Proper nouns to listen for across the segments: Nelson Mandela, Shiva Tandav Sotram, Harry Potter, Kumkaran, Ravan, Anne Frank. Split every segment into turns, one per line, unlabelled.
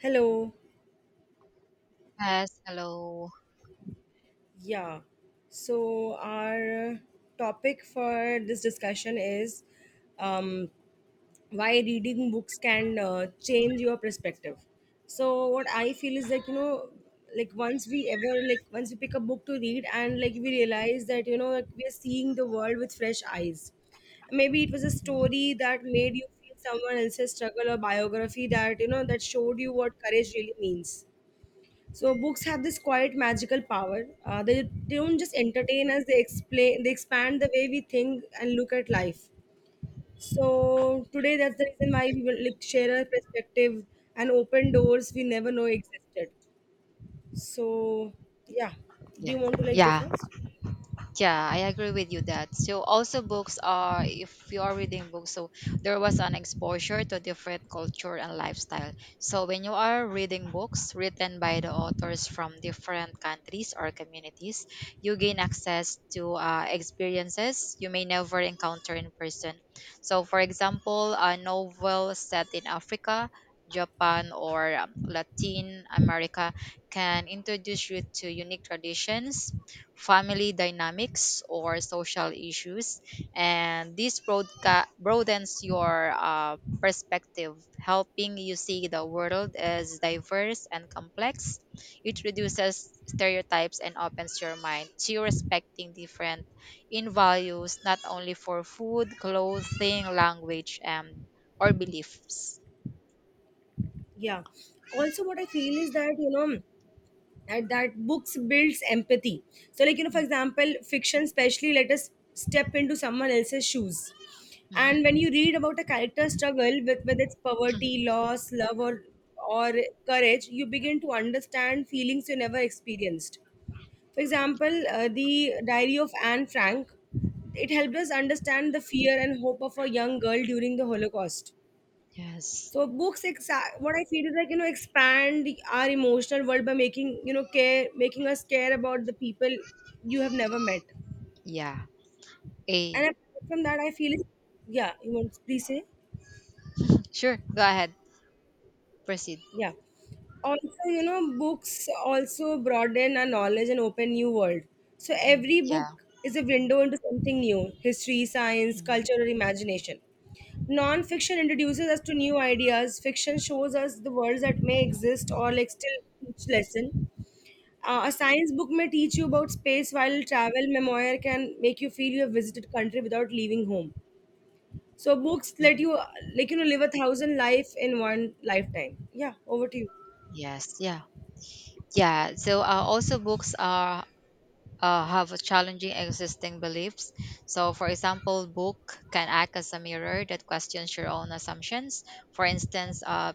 Hello.
Yes, hello.
Yeah. So, our topic for this discussion is um, why reading books can change your perspective. So, what I feel is like, you know, like once we ever, like, once we pick a book to read and like we realize that, you know, like, we are seeing the world with fresh eyes. Maybe it was a
Mhm.
story that made you feel someone else's struggle or biography that, you know, that showed you what courage really means. So books have this quiet magical power. They don't just entertain us; they explain, they expand the way we think and look at life. So today, that's the reason why we will like, share our perspective and open doors we never know existed. So yeah, do
Yes.
you want to like go
Yeah.
first?
Yeah, I agree with you that. So also books are, if you are reading books, so there was an exposure to different culture and lifestyle. So when you are reading books written by the authors from different countries or communities, you gain access to experiences you may never encounter in person. So for example, a novel set in Africa, Japan or Latin America can introduce you to unique traditions, family dynamics or social issues. And this broadens your perspective, helping you see the world as diverse and complex. It reduces stereotypes and opens your mind to respecting different in values, not only for food, clothing, language, and or beliefs.
Yeah. Also, what I feel is that you know that books builds empathy, so like you know, for example, fiction especially let us step into someone else's shoes. And when
Mhm.
you read about a character's struggle with whether it's poverty, loss, love or or courage, you begin to understand feelings you never experienced. For example, the diary of Anne Frank, it helped us understand the fear and hope of a young girl during the Holocaust.
Yes.
So books, what I feel is like you know, expand our emotional world by making you know care, making us care about the people you have never met.
Yeah.
And
A.
apart from that, I feel yeah. You want to please say
Sure. Go ahead. Proceed.
yeah. Also, you know, books also broaden our knowledge and open new world. So
Mm.
every
Yeah.
book is a window into something new: history, science,
Mhm.
culture, or imagination. Non-fiction introduces us to new ideas. Fiction shows us the worlds that may exist or like still teach lesson. A science book may teach you about
Mhm.
space, while travel memoir can make you feel you have visited country without leaving home. So books let
Mhm.
you, like you know, live a thousand life in one lifetime. Yeah, over to you.
Yes, yeah, yeah. So also books are, have a challenging existing beliefs. So, for example, book can act as a mirror that questions your own assumptions. For instance, a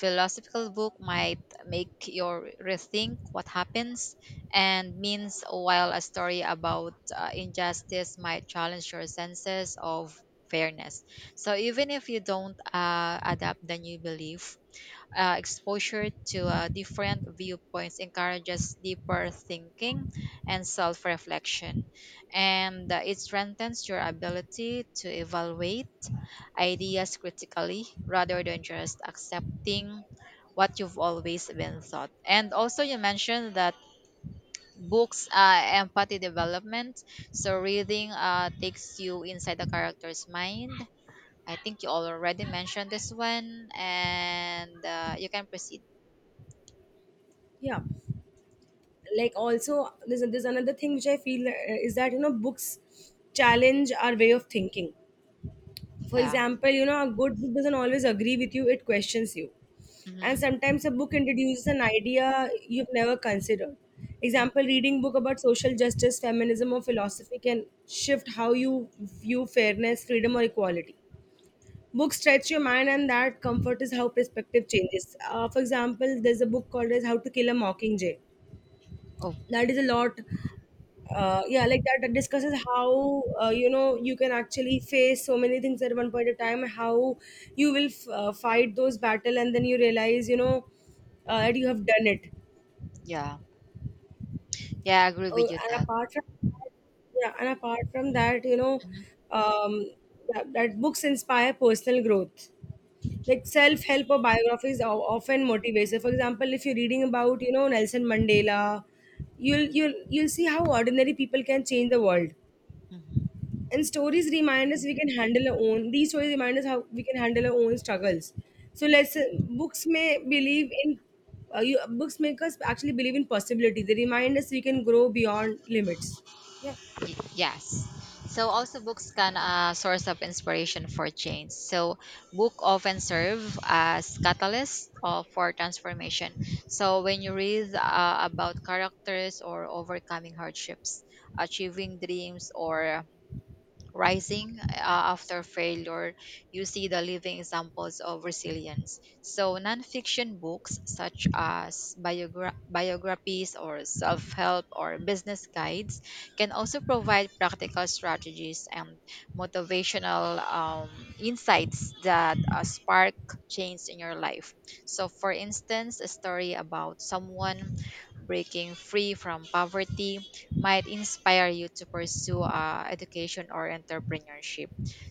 philosophical book might make you rethink what happens and means, while a story about injustice might challenge your senses of fairness. So, even if you don't adapt the new belief, exposure to different viewpoints encourages deeper thinking and self reflection. And it strengthens your ability to evaluate ideas critically rather than just accepting what you've always been taught. And also, you mentioned that books are empathy development. So, reading takes you inside the character's mind. I think you already mentioned this one, and you can proceed.
Yeah, like also there's another thing which I feel is that you know books challenge our way of thinking. For
Yeah.
example, you know, a good book doesn't always agree with you, it questions you. And
Mhm.
sometimes a book introduces an idea you've never considered.
Mm.
Example, reading book about social justice, feminism or philosophy can shift how you view fairness, freedom or equality. Books stretch your mind and that comfort is how perspective changes. For example, there's a book called as how to kill a mockingjay,
Oh,
that is a lot. Yeah, like that discusses how you know you can actually face so many things at one point of time, how you will fight those battle and then you realize you know that you have done it.
yeah. Yeah, I agree with you
And
that.
apart from yeah and apart from that you know,
Hmm.
um, that books inspire personal growth, like self-help or biographies are often motivated. For example, if you're reading about you know Nelson Mandela, you'll see how ordinary people can change the world.
Hmm.
And stories remind us we can handle our own. These stories remind us how we can handle our own struggles. So let's books may believe in you, books make us actually believe in possibility. They remind us we can grow beyond limits. Yeah,
Yes. So also books can a source of inspiration for change. So book often serve as catalyst of, for transformation. So when you read about characters or overcoming hardships, achieving dreams or rising after failure, you see the living examples of resilience. So, nonfiction books such as biographies or self help or business guides can also provide practical strategies and motivational insights that spark change in your life. So, for instance, a story about someone breaking free from poverty might inspire you to pursue education or entrepreneurship.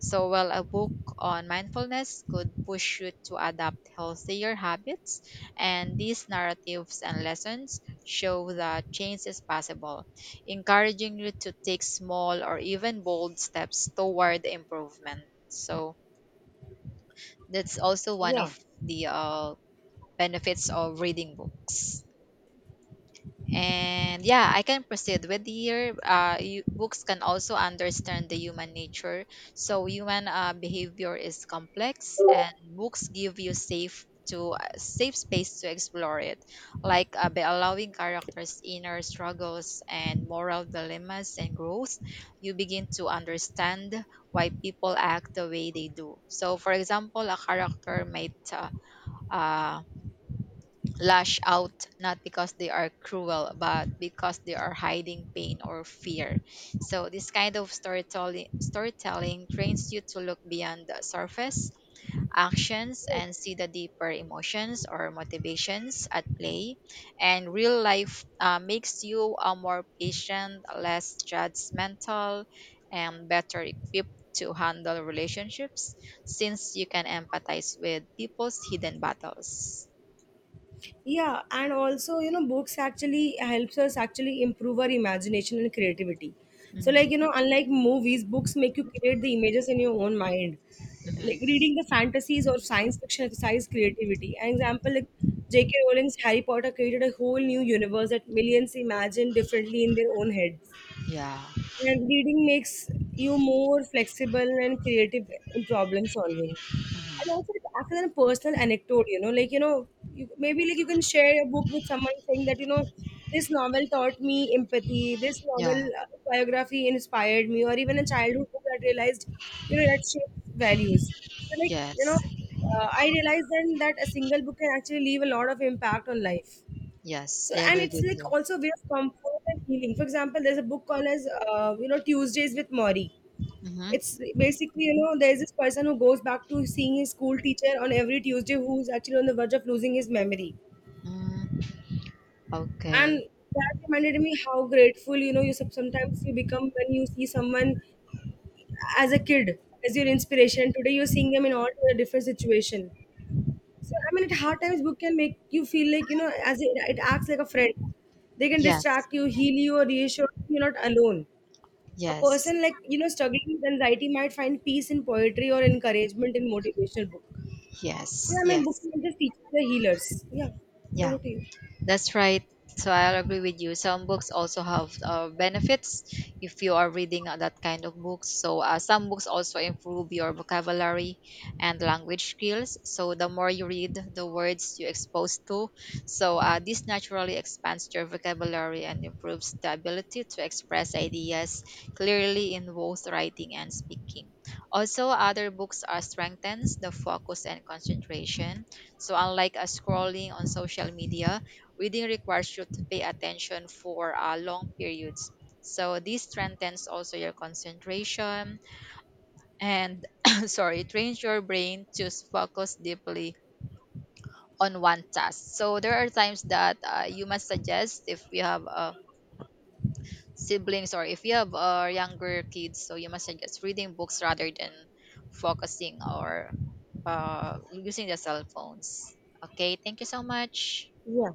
So, while a book on mindfulness could push you to adopt healthier habits, and these narratives and lessons show that change is possible, encouraging you to take small or even bold steps toward improvement. So, that's also one
yeah.
of the benefits of reading books. And yeah, I can proceed with here. You, books can also understand the human nature. So human behavior is complex, and books give you safe to safe space to explore it, like by allowing characters' inner struggles and moral dilemmas and growth, you begin to understand why people act the way they do. So, for example, a character might uh, lash out not because they are cruel but because they are hiding pain or fear. So this kind of storytelling trains you to look beyond the surface actions and see the deeper emotions or motivations at play. And real life makes you a more patient, less judgmental and better equipped to handle relationships, since you can empathize with people's hidden battles.
Yeah and also you know books actually helps us actually improve our imagination and creativity. So
Mhm.
like you know, unlike movies, books make you create the images in your own mind, like
Mhm.
reading the fantasies or science fiction exercise creativity. An example, like JK Rowling's Harry Potter created a whole new universe that millions imagined differently in their own heads.
Yeah.
And reading makes you more flexible and creative in problem solving. And
Mhm.
also, like, after a personal anecdote, you know, like, you know, you, maybe like you can share a book with someone saying that, you know, this novel taught me empathy, this
Yeah.
novel biography inspired me, or even a childhood book that realized, you know, that shapes values. So, like, you know,
Yes.
I realized then that a single book can actually leave a lot of impact on life.
Yes.
So
I
and
agree
it's
with
like
you.
also a way of comfort and healing. For example, there's a book called as you know Tuesdays with Maury.
Mm-hmm.
It's basically you know there's this person who goes back to seeing his school teacher on every Tuesday, who's actually on the verge of losing his memory.
Mm,
And
okay.
that reminded me how grateful you know you sometimes you become when you see someone as a kid, as your inspiration today, you're seeing them in all a different situation. So I mean, at hard times, book can make you feel like you know, as it acts like a friend. They can
Yes.
distract you, heal you, or reassure you you're not alone. A
Yes.
person like you know struggling with anxiety might find peace in poetry or encouragement in motivational book.
Yes.
So yeah, I mean, books
Yes.
are just teachers, they're healers. Yeah,
Yeah.
over to you.
That's right. So I'll agree with you. Some books also have benefits if you are reading that kind of books. So some books also improve your vocabulary and language skills. So the more you read, the words you expose to. So this naturally expands your vocabulary and improves the ability to express ideas clearly in both writing and speaking. Also, other books are strengthens the focus and concentration. So unlike scrolling on social media, reading requires you to pay attention for long periods. So this strengthens also your concentration and sorry, it trains your brain to focus deeply on one task. So there are times that you must suggest if you have siblings or if you have younger kids, so you must suggest reading books rather than focusing or using the cell phones. Okay, thank you so much.
Yeah.